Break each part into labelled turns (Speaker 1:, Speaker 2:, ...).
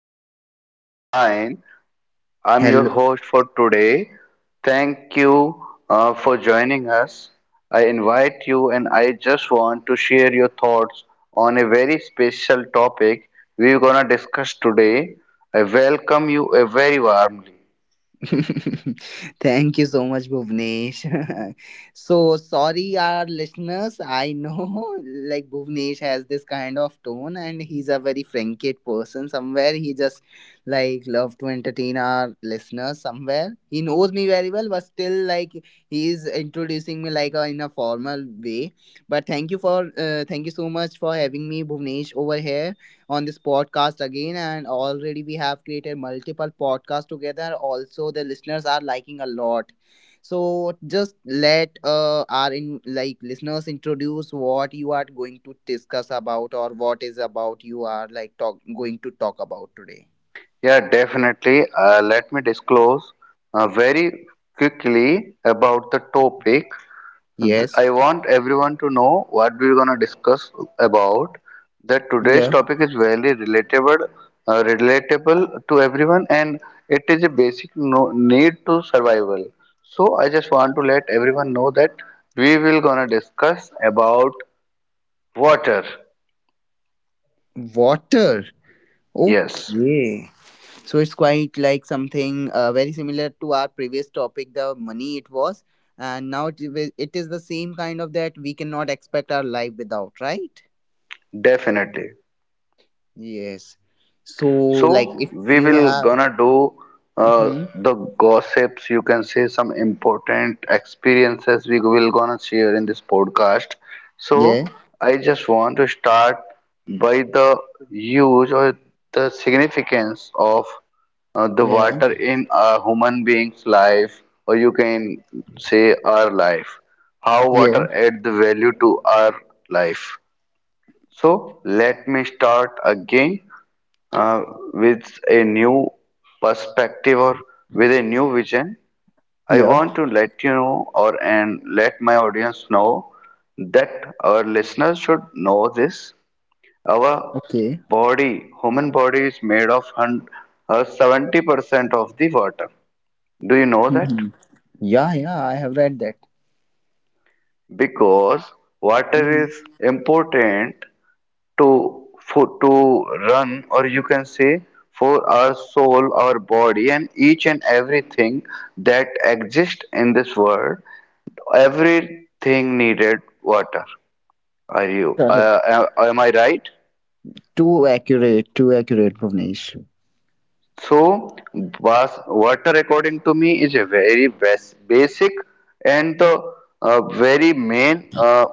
Speaker 1: Podcast of mine. I'm your
Speaker 2: Hello.
Speaker 1: host for today. Thank you for joining us. I invite you, and I just want to share your thoughts on a very special topic we're going to discuss today. I welcome you very warmly.
Speaker 2: Thank you so much, Bhuvnesh. So sorry, our listeners. I know like Bhuvnesh has this kind of tone, and he's a very frankit person. Somewhere he just like love to entertain our listeners somewhere. He knows me very well, but still like he is introducing me like in a formal way. But thank you so much for having me, Bhuvnesh, over here on this podcast again. And already we have created multiple podcasts together. Also, the listeners are liking a lot. So just let our in like listeners introduce what you are going to discuss about, or what is about you are like talk going to talk about today.
Speaker 1: Yeah, definitely. Let me disclose very quickly about the topic.
Speaker 2: Yes.
Speaker 1: I want everyone to know what we're gonna discuss about. That today's
Speaker 2: Yeah.
Speaker 1: topic is very relatable, relatable to everyone, and it is a basic need to survival. So I just want to let everyone know that we will gonna discuss about water.
Speaker 2: Water.
Speaker 1: Yes,
Speaker 2: Okay. So it's quite like something very similar to our previous topic, the money it was, and now it is the same kind of that we cannot expect our life without, right?
Speaker 1: definitely.
Speaker 2: Yes. So like
Speaker 1: So
Speaker 2: if
Speaker 1: we
Speaker 2: you
Speaker 1: will
Speaker 2: have.
Speaker 1: gonna do uh,
Speaker 2: Hmm.
Speaker 1: the gossips, you can say some important experiences we will gonna share in this podcast.
Speaker 2: Yeah,
Speaker 1: So I just want to start by the use or the significance of the
Speaker 2: yeah,
Speaker 1: water in a human being's life, or you can say our life. How
Speaker 2: yeah,
Speaker 1: water adds the value to our life. So let me start again uh, with a new perspective or with a new vision, I
Speaker 2: yeah.
Speaker 1: want to let you know, or and let my audience know that our listeners should know this. Our
Speaker 2: Okay.
Speaker 1: body, human body, is made of 70% of the water. Do you know that?
Speaker 2: Hmm. Yeah, yeah, I have read that.
Speaker 1: Because water
Speaker 2: Hmm.
Speaker 1: is important to for to run, or you can say for our soul, our body, and each and everything that exists in this world, everything needed water. Are you
Speaker 2: Correct.
Speaker 1: am I right?
Speaker 2: Too accurate, Bhuvnesh.
Speaker 1: So, was water, according to me, is a very basic and the very main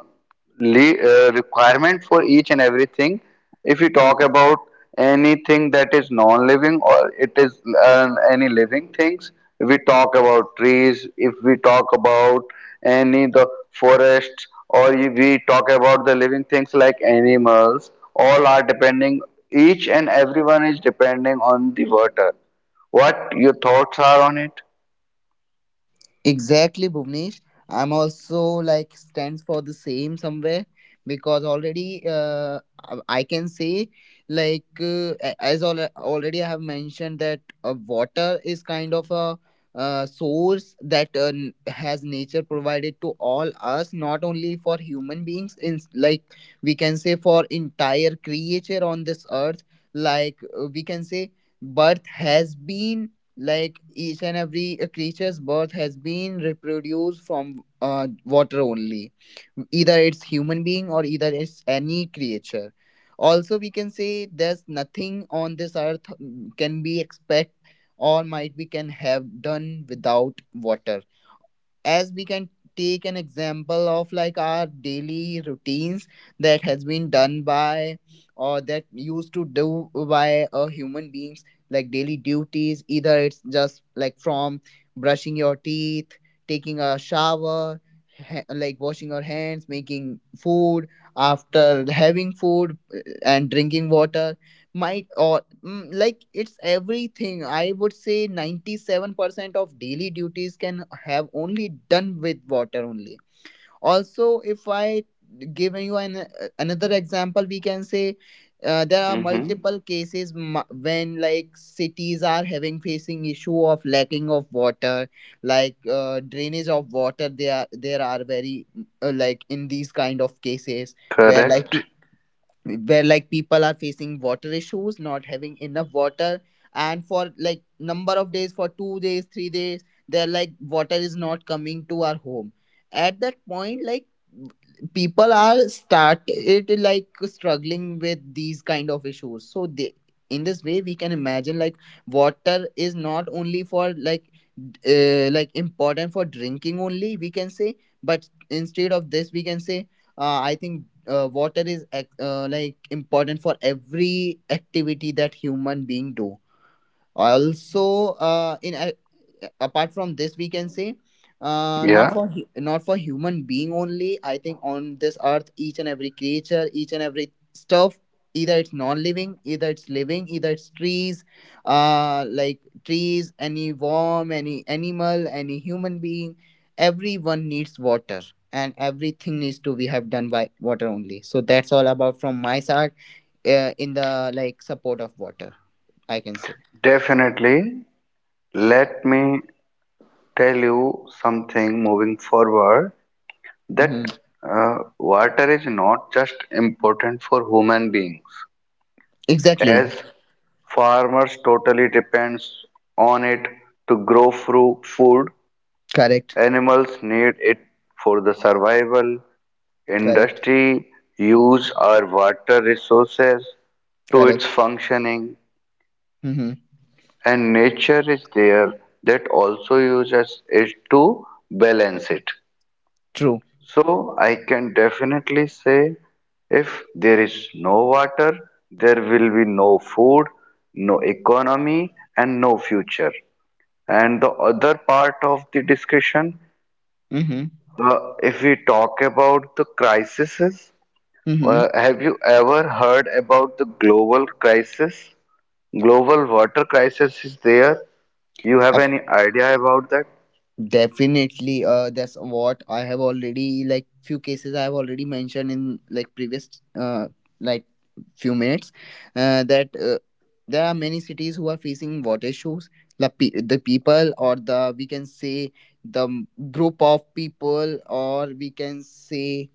Speaker 1: le- requirement for each and everything. If you talk about anything that is non-living or it is any living things, if we talk about trees, if we talk about any the forests, or we talk about the living things like animals, all are depending, each and everyone is depending on the water. What your thoughts are on it?
Speaker 2: Exactly, Bhuvnesh. I'm also like stands for the same somewhere, because already I can say like a- as al already I have mentioned that water is kind of a source that has nature provided to all us, not only for human beings. In like we can say for entire creature on this earth, like we can say birth has been like each and every creature's birth has been reproduced from water only, either it's human being or either it's any creature. Also we can say there's nothing on this earth can be expect, or might be can have done without water, as we can take an example of like our daily routines that has been done by or that used to do by a human beings, like daily duties, either it's just like from brushing your teeth, taking a shower, like washing your hands, making food, after having food and drinking water, might or like it's everything. I would say 97% of daily duties can have only done with water only. Also, if I give you an another example we can say, there are
Speaker 1: Mm-hmm.
Speaker 2: multiple cases when like cities are having facing issue of lacking of water, like drainage of water, there are very like in these kind of cases, where like
Speaker 1: Correct.
Speaker 2: where like people are facing water issues, not having enough water, and for like number of days, for 2 days 3 days they're like water is not coming to our home. At that point like people are started like struggling with these kind of issues, so they, in this way, we can imagine like water is not only for like like important for drinking only, we can say, but instead of this we can say I think water is like important for every activity that human being do. Also apart from this we can say not
Speaker 1: Yeah,
Speaker 2: for not for human being only. I think on this earth each and every creature, each and every stuff, either it's non-living, either it's living, either it's trees, like trees, any worm, any animal, any human being, everyone needs water, and everything needs to be have done by water only. So that's all about from my side, in the like support of water, I can say.
Speaker 1: definitely. Let me tell you something moving forward, that
Speaker 2: Mhm.
Speaker 1: water is not just important for human beings,
Speaker 2: Exactly.
Speaker 1: as farmers totally depends on it to grow through food.
Speaker 2: Correct.
Speaker 1: Animals need it for the survival,
Speaker 2: Correct.
Speaker 1: industry, use our water resources to its
Speaker 2: Correct.
Speaker 1: functioning,
Speaker 2: Mm-hmm.
Speaker 1: and nature is there that also uses it to balance it.
Speaker 2: True.
Speaker 1: So I can definitely say, if there is no water, there will be no food, no economy, and no future. And the other part of the discussion,
Speaker 2: Mm-hmm.
Speaker 1: If we talk about the crises,
Speaker 2: Mm-hmm.
Speaker 1: have you ever heard about the global crisis? Global water crisis is there. You have
Speaker 2: Of
Speaker 1: any idea about that?
Speaker 2: Definitely, that's what I have already, like few cases I have already mentioned in like previous uh like few minutes, that there are many cities who are facing water issues. The people, or the, we can say, the group of people, or we can say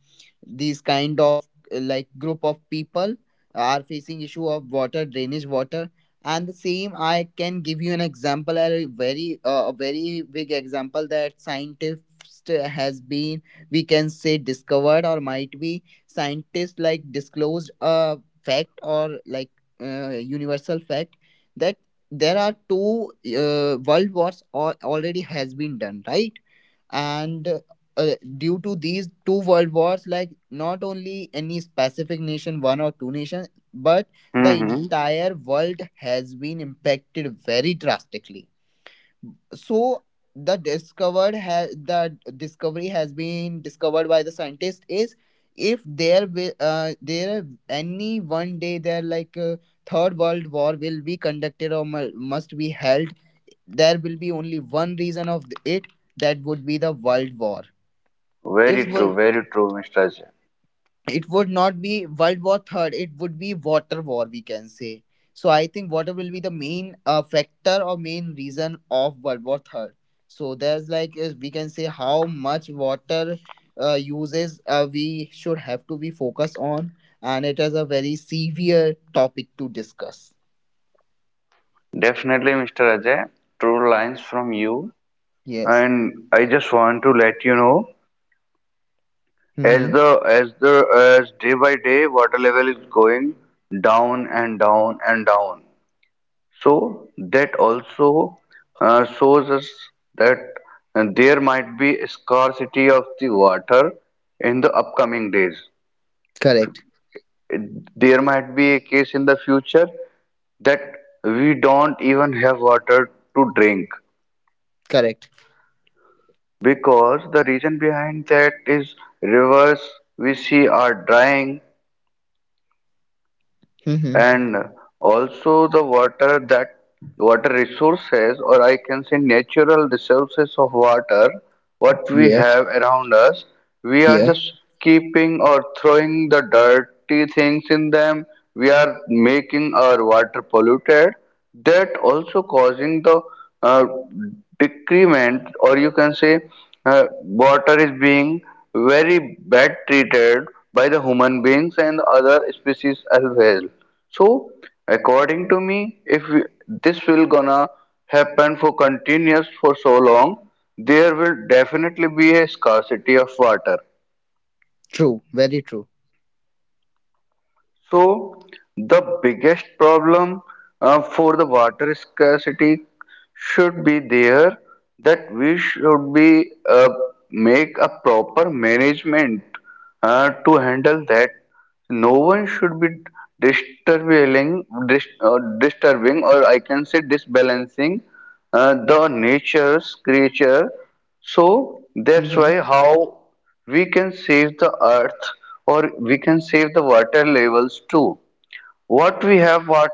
Speaker 2: these kind of like group of people, are facing issue of water drainage water. And the same I can give you an example, a very big example, that scientists has been, we can say, discovered, or might be scientists like disclosed a fact or like universal fact, that there are two world wars or already has been done, right? And due to these two world wars, like not only any specific nation, one or two nations, but the
Speaker 1: Mm-hmm.
Speaker 2: entire world has been impacted very drastically. So the discovery has been discovered by the scientist is, if there will there, any one day there, like third world war will be conducted or must be held, there will be only one reason of it, that would be the world war. it would
Speaker 1: Very true, Mr. Ajay.
Speaker 2: it would not be World War Third. It would be water war, we can say. So I think water will be the main factor or main reason of World War Third. So there's like is, we can say, how much water uses, we should have to be focused on, and it is a very severe topic to discuss.
Speaker 1: Definitely, Mr. Ajay. True lines from you.
Speaker 2: Yes.
Speaker 1: And I just want to let you know, as
Speaker 2: Mm-hmm.
Speaker 1: the as the as day by day water level is going down and down and down. So that also shows us that there might be scarcity of the water in the upcoming days.
Speaker 2: Correct.
Speaker 1: There might be a case in the future that we don't even have water to drink,
Speaker 2: Correct.
Speaker 1: because the reason behind that is, rivers we see are drying,
Speaker 2: Mm-hmm.
Speaker 1: and also the water that water resources, or I can say natural resources of water what we
Speaker 2: Yep.
Speaker 1: have around us, we are
Speaker 2: Yeah.
Speaker 1: just keeping or throwing the dirty things in them. We are making our water polluted. That also causing the uh, decrement, or you can say water is being very bad treated by the human beings and other species as well. So, according to me, if we- this will gonna happen for continuous for so long, there will definitely be a scarcity of water.
Speaker 2: True. Very true.
Speaker 1: So, the biggest problem for the water scarcity should be there, that we should be make a proper management to handle that. No one should be disturbing or I can say disbalancing the nature's creature. So that's
Speaker 2: Mm-hmm.
Speaker 1: why how we can save the earth, or we can save the water levels too, what we have, what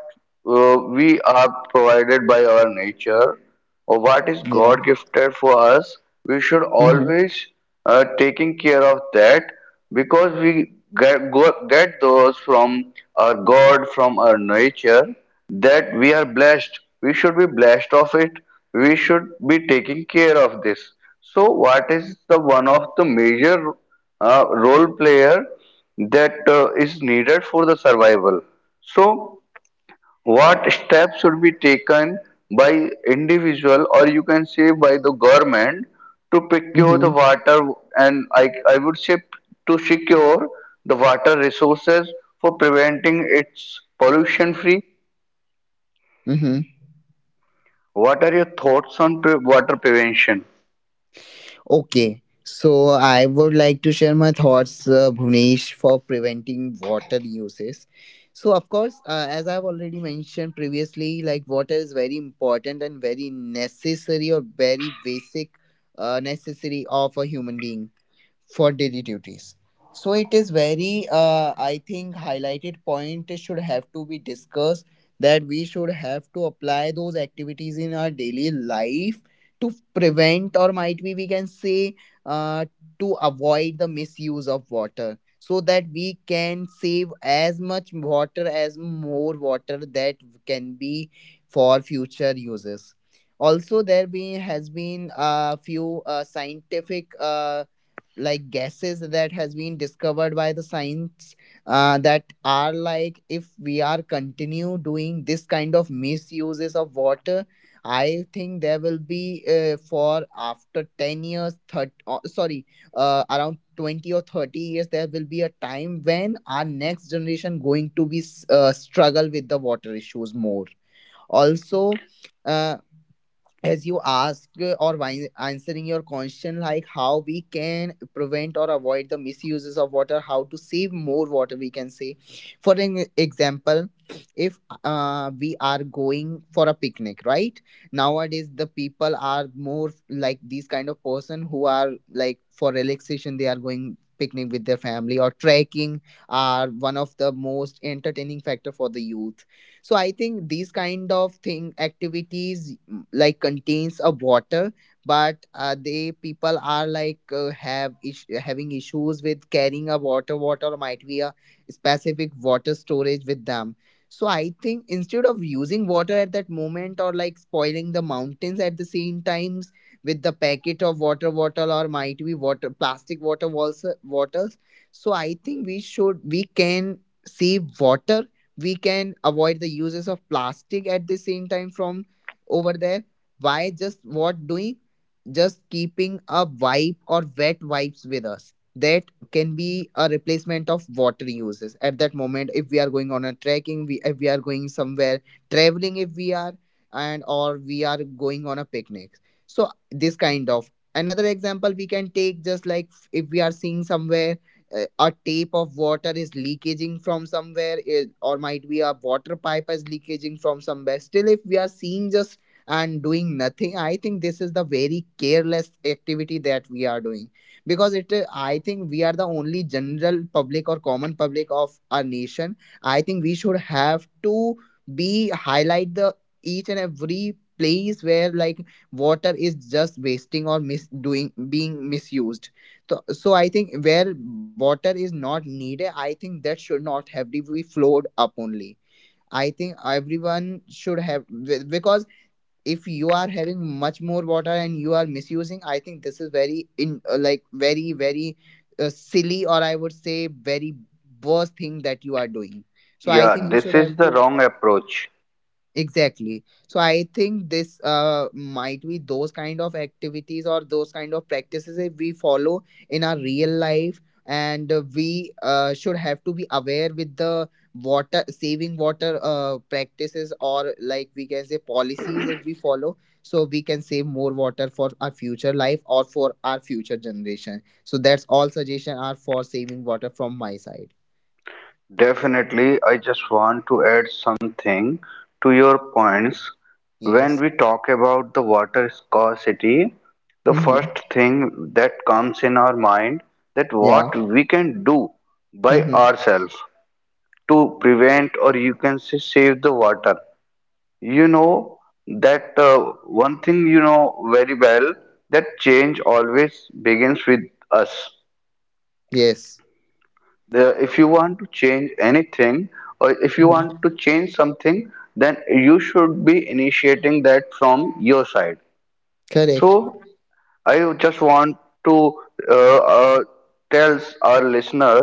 Speaker 1: we are provided by our nature, or what is
Speaker 2: Yeah.
Speaker 1: God gifted for us, we should
Speaker 2: Mm-hmm.
Speaker 1: always taking care of that, because we get those from our God, from our nature, that we are blessed. We should be blessed of it. We should be taking care of this. So, what is the one of the major role player that is needed for the survival? So, what steps should be taken by individual, or you can say by the government, to procure the
Speaker 2: Mm-hmm.
Speaker 1: water, and I would say to secure the water resources for preventing its pollution free?
Speaker 2: Mm-hmm.
Speaker 1: What are your thoughts on water prevention?
Speaker 2: Okay, so I would like to share my thoughts, Bhuvnesh, for preventing water uses. So, of course, as I've already mentioned previously, like water is very important and very necessary, or very basic necessary of a human being for daily duties. So it is very, I think, highlighted point should have to be discussed, that we should have to apply those activities in our daily life to prevent, or might be we can say, uh, to avoid the misuse of water, so that we can save as much water, as more water that can be for future uses. Also there be has been a few scientific like gases that has been discovered by the science, that are like if we are continue doing this kind of misuses of water, I think there will be for after 10 years 30 oh, sorry, around 20 or 30 years there will be a time when our next generation going to be struggle with the water issues more. Also uh, as you ask, or answering your question, like how we can prevent or avoid the misuses of water, how to save more water we can say. For an example, if we are going for a picnic, right? Nowadays the people are more like these kind of person who are like for relaxation they are going picnic with their family, or trekking are one of the most entertaining factor for the youth. So I think these kind of thing activities, like, contains a water, but they people are like have having issues with carrying a water, water might be a specific water storage with them. So I think instead of using water at that moment, or like spoiling the mountains at the same times with the packet of water bottle, or might be water plastic water bottles, so I think we can save water. We can avoid the uses of plastic at the same time from over there. Why just what doing? Just keeping a wipe or wet wipes with us that can be a replacement of water uses at that moment, if we are going on a trekking, we, if we are going somewhere traveling, if we are, and or we are going on a picnic. So this kind of another example we can take, just like if we are seeing somewhere a tape of water is leaking from somewhere, it, or might be a water pipe is leaking from somewhere still, if we are seeing just and doing nothing, I think this is the very careless activity that we are doing. Because it, I think we are the only general public or common public of our nation, I think we should have to be highlight the each and every place where like water is just wasting or mis doing being misused. So I think where water is not needed, I think that should not have to be flowed up only. I think everyone should have because if you are having much more water and you are misusing, I think this is very in like very very silly, or I would say very worst thing that you are doing. So I
Speaker 1: Yeah,
Speaker 2: think we should
Speaker 1: this
Speaker 2: have
Speaker 1: is the
Speaker 2: to.
Speaker 1: wrong approach.
Speaker 2: Exactly. So I think this might be those kind of activities or those kind of practices that we follow in our real life, and we should have to be aware with the water saving water practices, or like we can say policies, if we follow, so we can save more water for our future life or for our future generation. So that's all suggestion are for saving water from my side.
Speaker 1: Definitely, I just want to add something to your points.
Speaker 2: Yes.
Speaker 1: When we talk about the water scarcity, the
Speaker 2: Mm-hmm.
Speaker 1: first thing that comes in our mind, that what
Speaker 2: Yeah.
Speaker 1: we can do by
Speaker 2: Mm-hmm.
Speaker 1: ourselves to prevent, or you can say save the water. You know that one thing you know very well, that change always begins with us.
Speaker 2: Yes.
Speaker 1: If you want to change anything, or if you
Speaker 2: Mhm.
Speaker 1: want to change something, then you should be initiating that from your side.
Speaker 2: Correct.
Speaker 1: So, I just want to uh, uh, tell our listener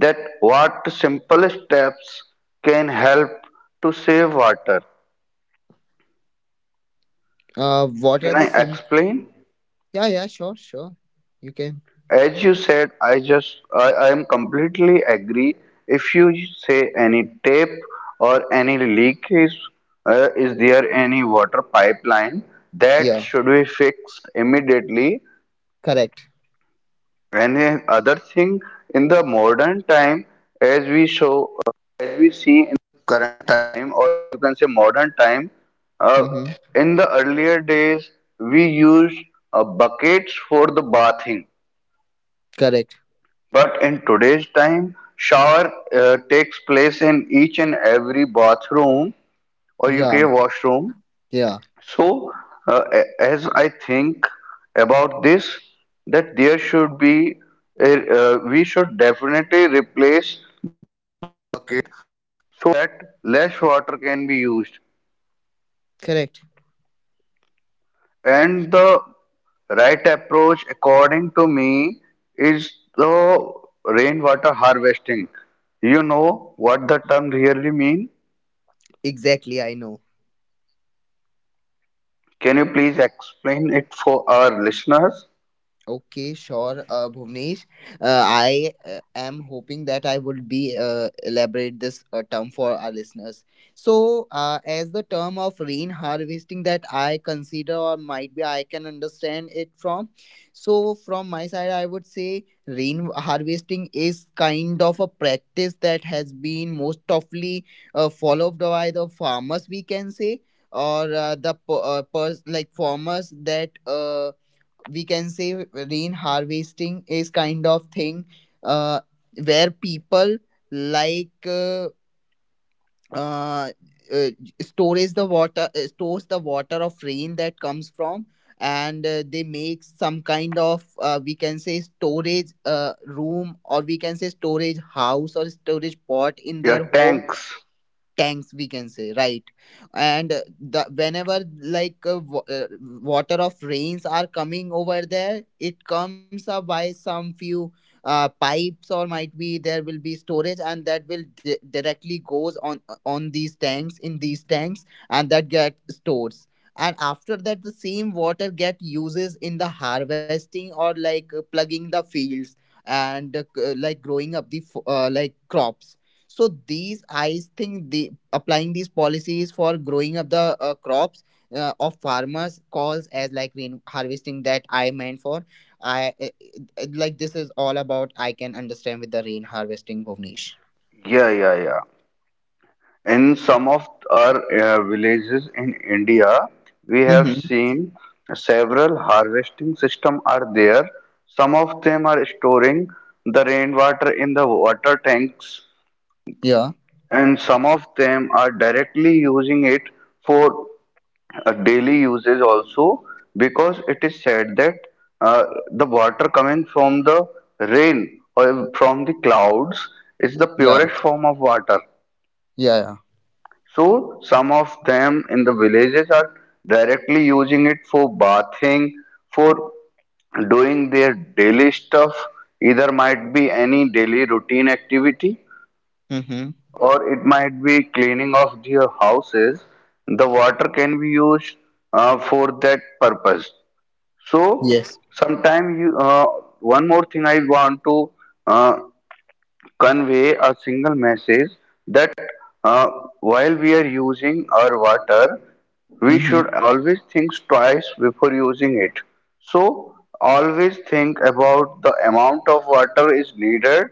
Speaker 1: that what simple steps can help to save water.
Speaker 2: What are
Speaker 1: Can I
Speaker 2: the sim?
Speaker 1: explain?
Speaker 2: Yeah, yeah, sure, sure. You can.
Speaker 1: As you said, I just I am completely agree. If you say any tape or any leak is there any water pipeline, that
Speaker 2: Yeah,
Speaker 1: should be fixed immediately.
Speaker 2: correct.
Speaker 1: Any other thing in the modern time, as we
Speaker 2: Mm-hmm. Correct. Yeah, yeah, correct.
Speaker 1: right approach, according to me, is the rainwater harvesting. You know what the term really mean?
Speaker 2: Exactly, I know.
Speaker 1: Can you please explain it for our listeners?
Speaker 2: Okay, sure, Bhuvnesh. I am hoping that I would be elaborate this term for our listeners. So, as the term of rain harvesting that I consider or might be I can understand it from. So, from my side, I would say rain harvesting is kind of a practice that has been most oftenly followed by the farmers. We can say or like farmers that. We can say rain harvesting is kind of thing uh, where people like uh, uh, uh, stores the water of rain that comes from and they make some kind of we can say storage room or we can say storage house or storage pot in
Speaker 1: Yeah,
Speaker 2: their home
Speaker 1: tanks.
Speaker 2: tanks we can say right and the whenever like uh, wa- uh, water of rains are coming over there it comes up by some few pipes or might be there will be storage and that will directly goes on these tanks in these tanks and that get stores and after that the same water get uses in the harvesting or like plugging the fields and like growing up the like crops so these, I think, the applying these policies for growing up the crops of farmers calls as like rain harvesting that I meant for. I Like this is all about I can understand with the rain harvesting, Bhuvnesh.
Speaker 1: Yeah, yeah, yeah. In some of our villages in India, we have
Speaker 2: Mm-hmm.
Speaker 1: seen several harvesting system are there. Some of them are storing the rainwater in the water tanks,
Speaker 2: Yeah,
Speaker 1: and some of them are directly using it for daily uses also, because it is said that uh, the water coming from the rain or from the clouds is the
Speaker 2: yeah,
Speaker 1: purest form of water.
Speaker 2: yeah, yeah.
Speaker 1: So some of them in the villages are directly using it for bathing, for doing their daily stuff, either might be any daily routine activity,
Speaker 2: Mm-hmm.
Speaker 1: or it might be cleaning of their houses, the water can be used for that purpose. So,
Speaker 2: Yes.
Speaker 1: sometime one more thing I want to uh, convey a single message, that uh, while we are using our water, we
Speaker 2: Mm-hmm.
Speaker 1: should always think twice before using it. So, always think about the amount of water is needed,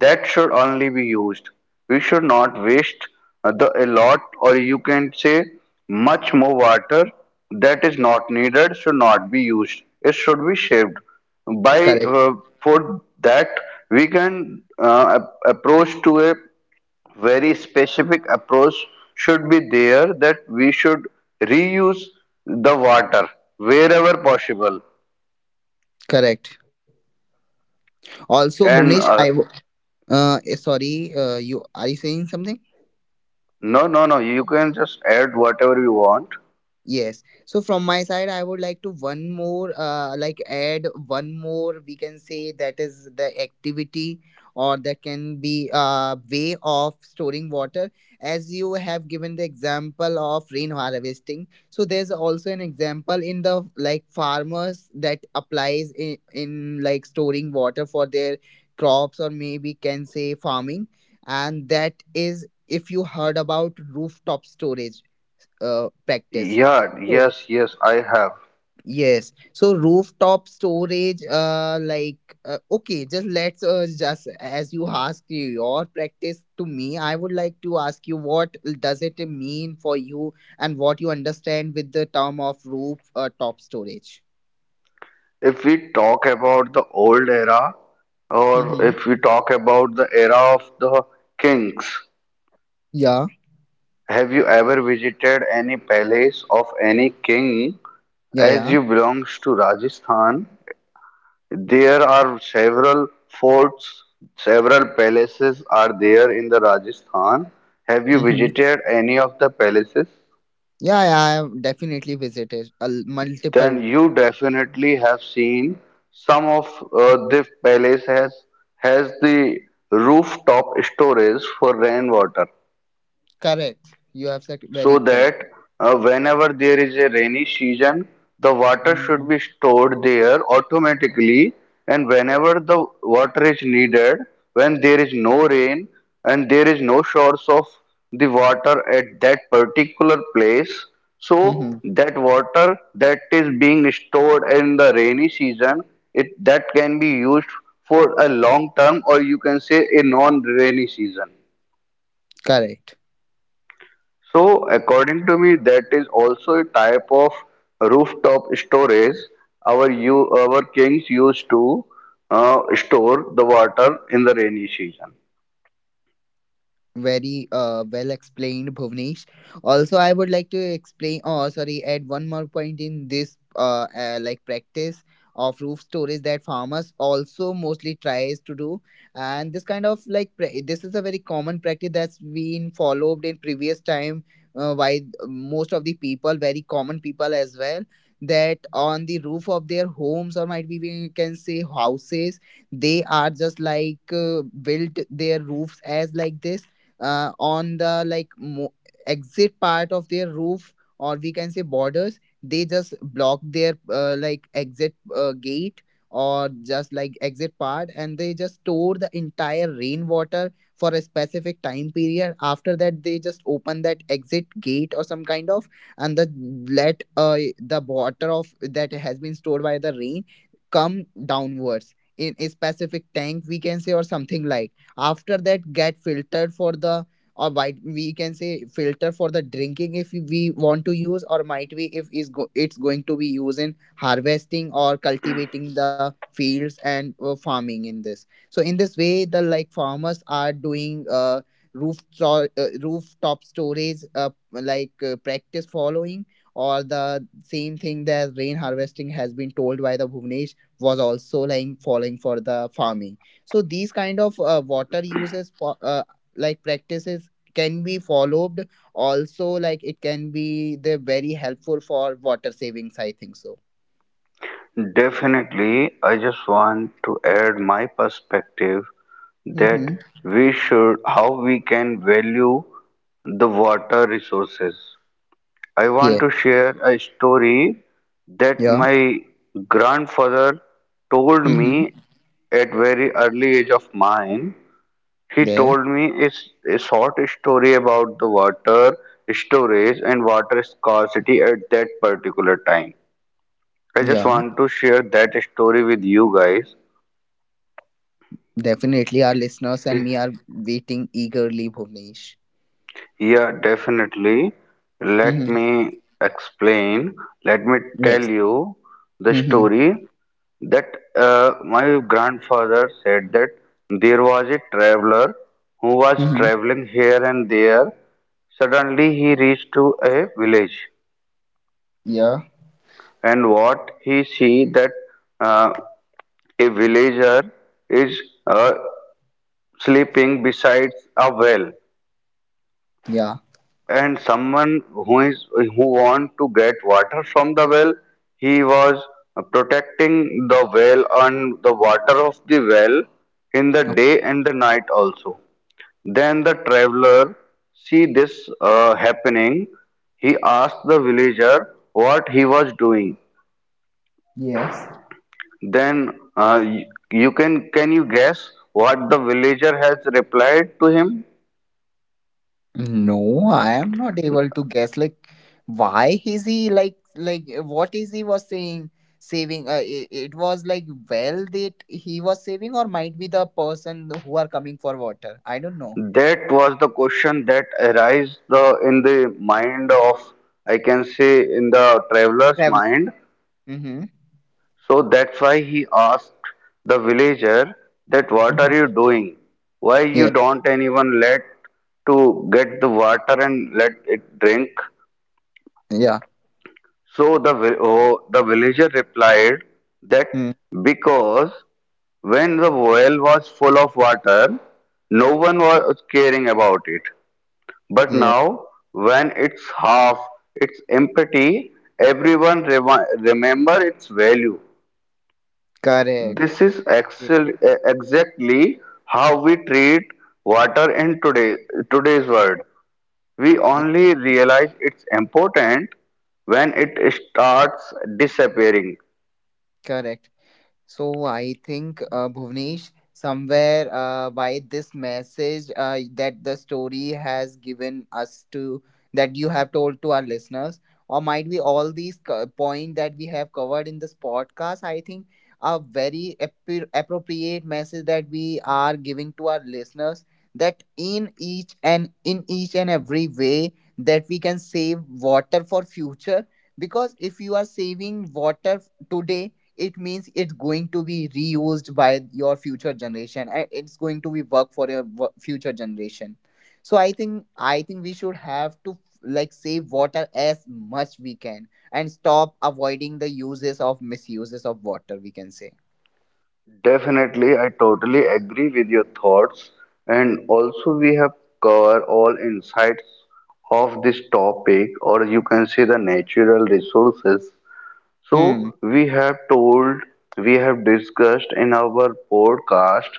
Speaker 1: that should only be used. We should not waste the a lot, or you can say much more water that is not needed should not be used. It should be saved. By
Speaker 2: Correct.
Speaker 1: for that we can approach to a very specific approach should be there, that we should reuse the water wherever possible,
Speaker 2: Correct. Also, Bhuvnesh,
Speaker 1: and
Speaker 2: I w- uh eh, sorry, you are you saying something?
Speaker 1: no, no, no, you can just add whatever you want.
Speaker 2: Yes. So from my side, I would like to one more, like add one more. We can say that is the activity, or that can be a way of storing water. As you have given the example of rain harvesting, so there's also an example in the like farmers that applies in like storing water for their crops, or maybe can say farming, and that is if you heard about rooftop storage practice
Speaker 1: Yeah,
Speaker 2: so
Speaker 1: yes, yes, I have.
Speaker 2: yes, so rooftop storage, okay, just as you asked your practice to me, I would like to ask you what does it mean for you and what you understand with the term of roof top storage.
Speaker 1: If we talk about the old era, or
Speaker 2: Mm-hmm.
Speaker 1: if we talk about the era of the kings,
Speaker 2: Yeah,
Speaker 1: have you ever visited any palace of any king,
Speaker 2: yeah,
Speaker 1: as
Speaker 2: yeah.
Speaker 1: you belongs to Rajasthan? There are several forts, several palaces are there in the Rajasthan. Have you
Speaker 2: Mm-hmm.
Speaker 1: visited any of the palaces?
Speaker 2: Yeah, yeah. I have definitely visited multiple.
Speaker 1: Then you definitely have seen some of the palace has the rooftop storage for rainwater.
Speaker 2: Correct. You have said
Speaker 1: So
Speaker 2: very correct.
Speaker 1: that whenever there is a rainy season, the water
Speaker 2: Mm-hmm.
Speaker 1: should be stored there automatically. And whenever the water is needed, when there is no rain and there is no source of the water at that particular place, so
Speaker 2: Mm-hmm.
Speaker 1: that water that is being stored in the rainy season, it that can be used for a long term, or you can say a non-rainy season.
Speaker 2: Correct.
Speaker 1: So, according to me, that is also a type of rooftop storage our you our kings used to store the water in the rainy season.
Speaker 2: Very well explained, Bhuvnesh. Also I would like to explain, oh sorry, add one more point in this like practice of roof storage that farmers also mostly tries to do, and this kind of like this is a very common practice that's been followed in previous time by most of the people, very common people as well, that on the roof of their homes or might be we can say houses, they are just like built their roofs as like this on the like exit part of their roof or we can say borders, they just block their like exit gate or just like exit part, and they just store the entire rainwater for a specific time period, after that they just open that exit gate or some kind of, and the let the water of that has been stored by the rain come downwards in a specific tank we can say or something like, after that get filtered for the or might we can say filter for the drinking if we want to use, or might be if is go, it's going to be used in harvesting or cultivating the fields and farming in this, so in this way the like farmers are doing rooftop storage practice following, or the same thing that rain harvesting has been told by the Bhuvnesh was also like following for the farming, so these kind of water uses for like practices can be followed, also like it can be they're very helpful for water savings I think so.
Speaker 1: Definitely, I just want to add my perspective, that
Speaker 2: Mm-hmm.
Speaker 1: we should how we can value the water resources. I want
Speaker 2: Yeah,
Speaker 1: to share a story that
Speaker 2: yeah.
Speaker 1: my grandfather told me
Speaker 2: Mm-hmm.
Speaker 1: at very early age of mine. He
Speaker 2: Yes.
Speaker 1: told me is a short story about the water storage and water scarcity at that particular time. I just
Speaker 2: Yeah,
Speaker 1: want to share that story with you guys.
Speaker 2: definitely our listeners and me are waiting eagerly, Bhuvnesh.
Speaker 1: Yeah, definitely. Let
Speaker 2: Mm-hmm.
Speaker 1: me explain. Let me tell
Speaker 2: Yes.
Speaker 1: you the
Speaker 2: Mm-hmm.
Speaker 1: story, that my grandfather said that there was a traveler who was
Speaker 2: Mm-hmm.
Speaker 1: traveling here and there. Suddenly he reached to a village,
Speaker 2: Yeah,
Speaker 1: and what he see, that uh, a villager is uh, sleeping beside a well,
Speaker 2: yeah.
Speaker 1: and someone who is who want to get water from the well, he was protecting the well and the water of the well in the
Speaker 2: Oh,
Speaker 1: day and the night also. Then the traveler see this happening, he asked the villager what he was doing.
Speaker 2: yes.
Speaker 1: Then uh, you you can you guess what the villager has replied to him?
Speaker 2: No, I am not able to guess. Like, why is he like what is he was saying saving? It was like well that he was saving, or might be the person who are coming for water. I don't know.
Speaker 1: That was the question that arise the in the mind of, I can say in the traveler's
Speaker 2: Traveler.
Speaker 1: mind.
Speaker 2: Mm-hmm.
Speaker 1: So that's why he asked the villager that what are you
Speaker 2: Hmm.
Speaker 1: doing? Why you
Speaker 2: Yeah.
Speaker 1: don't anyone let to get the water and let it drink?
Speaker 2: Yeah.
Speaker 1: So the villager replied that,
Speaker 2: Mm.
Speaker 1: because when the well was full of water, no one was caring about it. But
Speaker 2: Yeah.
Speaker 1: now, when it's half, it's empty, everyone remember its value. This
Speaker 2: Correct.
Speaker 1: is
Speaker 2: Yeah.
Speaker 1: exactly how we treat water in today's world. We
Speaker 2: Yeah,
Speaker 1: only realize it's important when it starts disappearing.
Speaker 2: correct. So I think Bhuvnesh, somewhere by this message that the story has given us to, that you have told to our listeners, or might be all these point that we have covered in this podcast. I think a very appropriate message that we are giving to our listeners, that in each and every way that we can save water for future, because if you are saving water today, it means it's going to be reused by your future generation and it's going to be work for your future generation. So I think we should have to like save water as much we can, and stop avoiding the uses of misuses of water we can say.
Speaker 1: Definitely, I totally agree with your thoughts, and also we have covered all insights of this topic, or you can say the natural resources.
Speaker 2: Hmm.
Speaker 1: So we have told, we have discussed in our podcast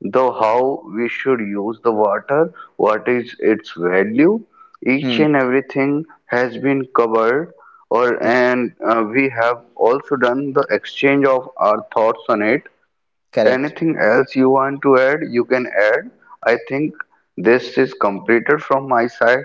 Speaker 1: the how we should use the water, what is its value. Each
Speaker 2: Hmm.
Speaker 1: and everything has been covered, or
Speaker 2: Yeah,
Speaker 1: and we have also done the exchange of our thoughts on it.
Speaker 2: correct.
Speaker 1: Anything else you want to add, you can add. I think this is completed from my side.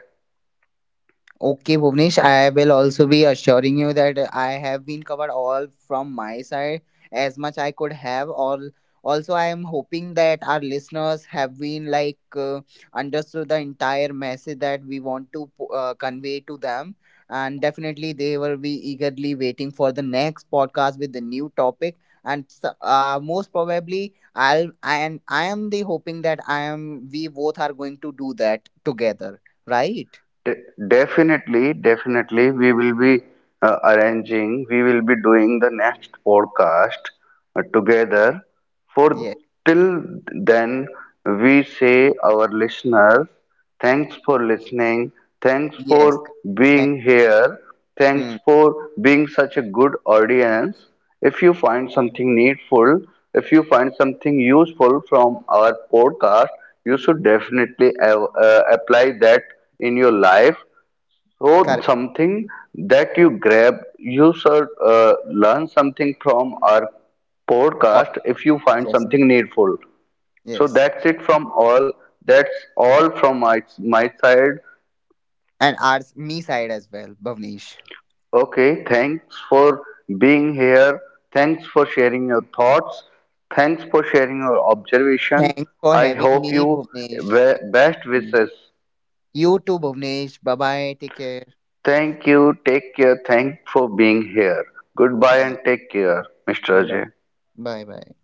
Speaker 2: Okay, Bhuvnesh, I will also be assuring you that I have been covered all from my side as much I could have. All also, I am hoping that our listeners have been like understood the entire message that we want to convey to them, and definitely they will be eagerly waiting for the next podcast with the new topic. And most probably, I'll and I am the hoping that I am we both are going to do that together, right?
Speaker 1: De- definitely, definitely, we will be we will be doing the next podcast together. For
Speaker 2: Yes.
Speaker 1: till then, we say our listeners, thanks for listening, thanks
Speaker 2: Yes,
Speaker 1: for
Speaker 2: correct. Thank,
Speaker 1: being here. Thanks
Speaker 2: hmm,
Speaker 1: for being such a good audience. If you find something needful, if you find something useful from our podcast, you should definitely apply that in your life. So,
Speaker 2: correct.
Speaker 1: something that you grab, you should learn something from our
Speaker 2: Pod-
Speaker 1: podcast if you find
Speaker 2: Yes,
Speaker 1: something needful. So,
Speaker 2: yes.
Speaker 1: that's it from all. That's all from my side.
Speaker 2: And ours me side as well, Bhavnesh.
Speaker 1: Okay, thanks for being here. Thanks for sharing your thoughts. Thanks for sharing your observation.
Speaker 2: Thanks for
Speaker 1: I
Speaker 2: having
Speaker 1: hope
Speaker 2: me,
Speaker 1: you
Speaker 2: Bhuvnesh. Thank
Speaker 1: best
Speaker 2: you.
Speaker 1: wishes.
Speaker 2: You too, Bhuvnesh. Bye bye. Take care.
Speaker 1: Thank you. Take care. Thanks for being here. Goodbye
Speaker 2: Bye.
Speaker 1: and take care, Mr.
Speaker 2: Bye bye.
Speaker 1: Ajay.
Speaker 2: Bye bye.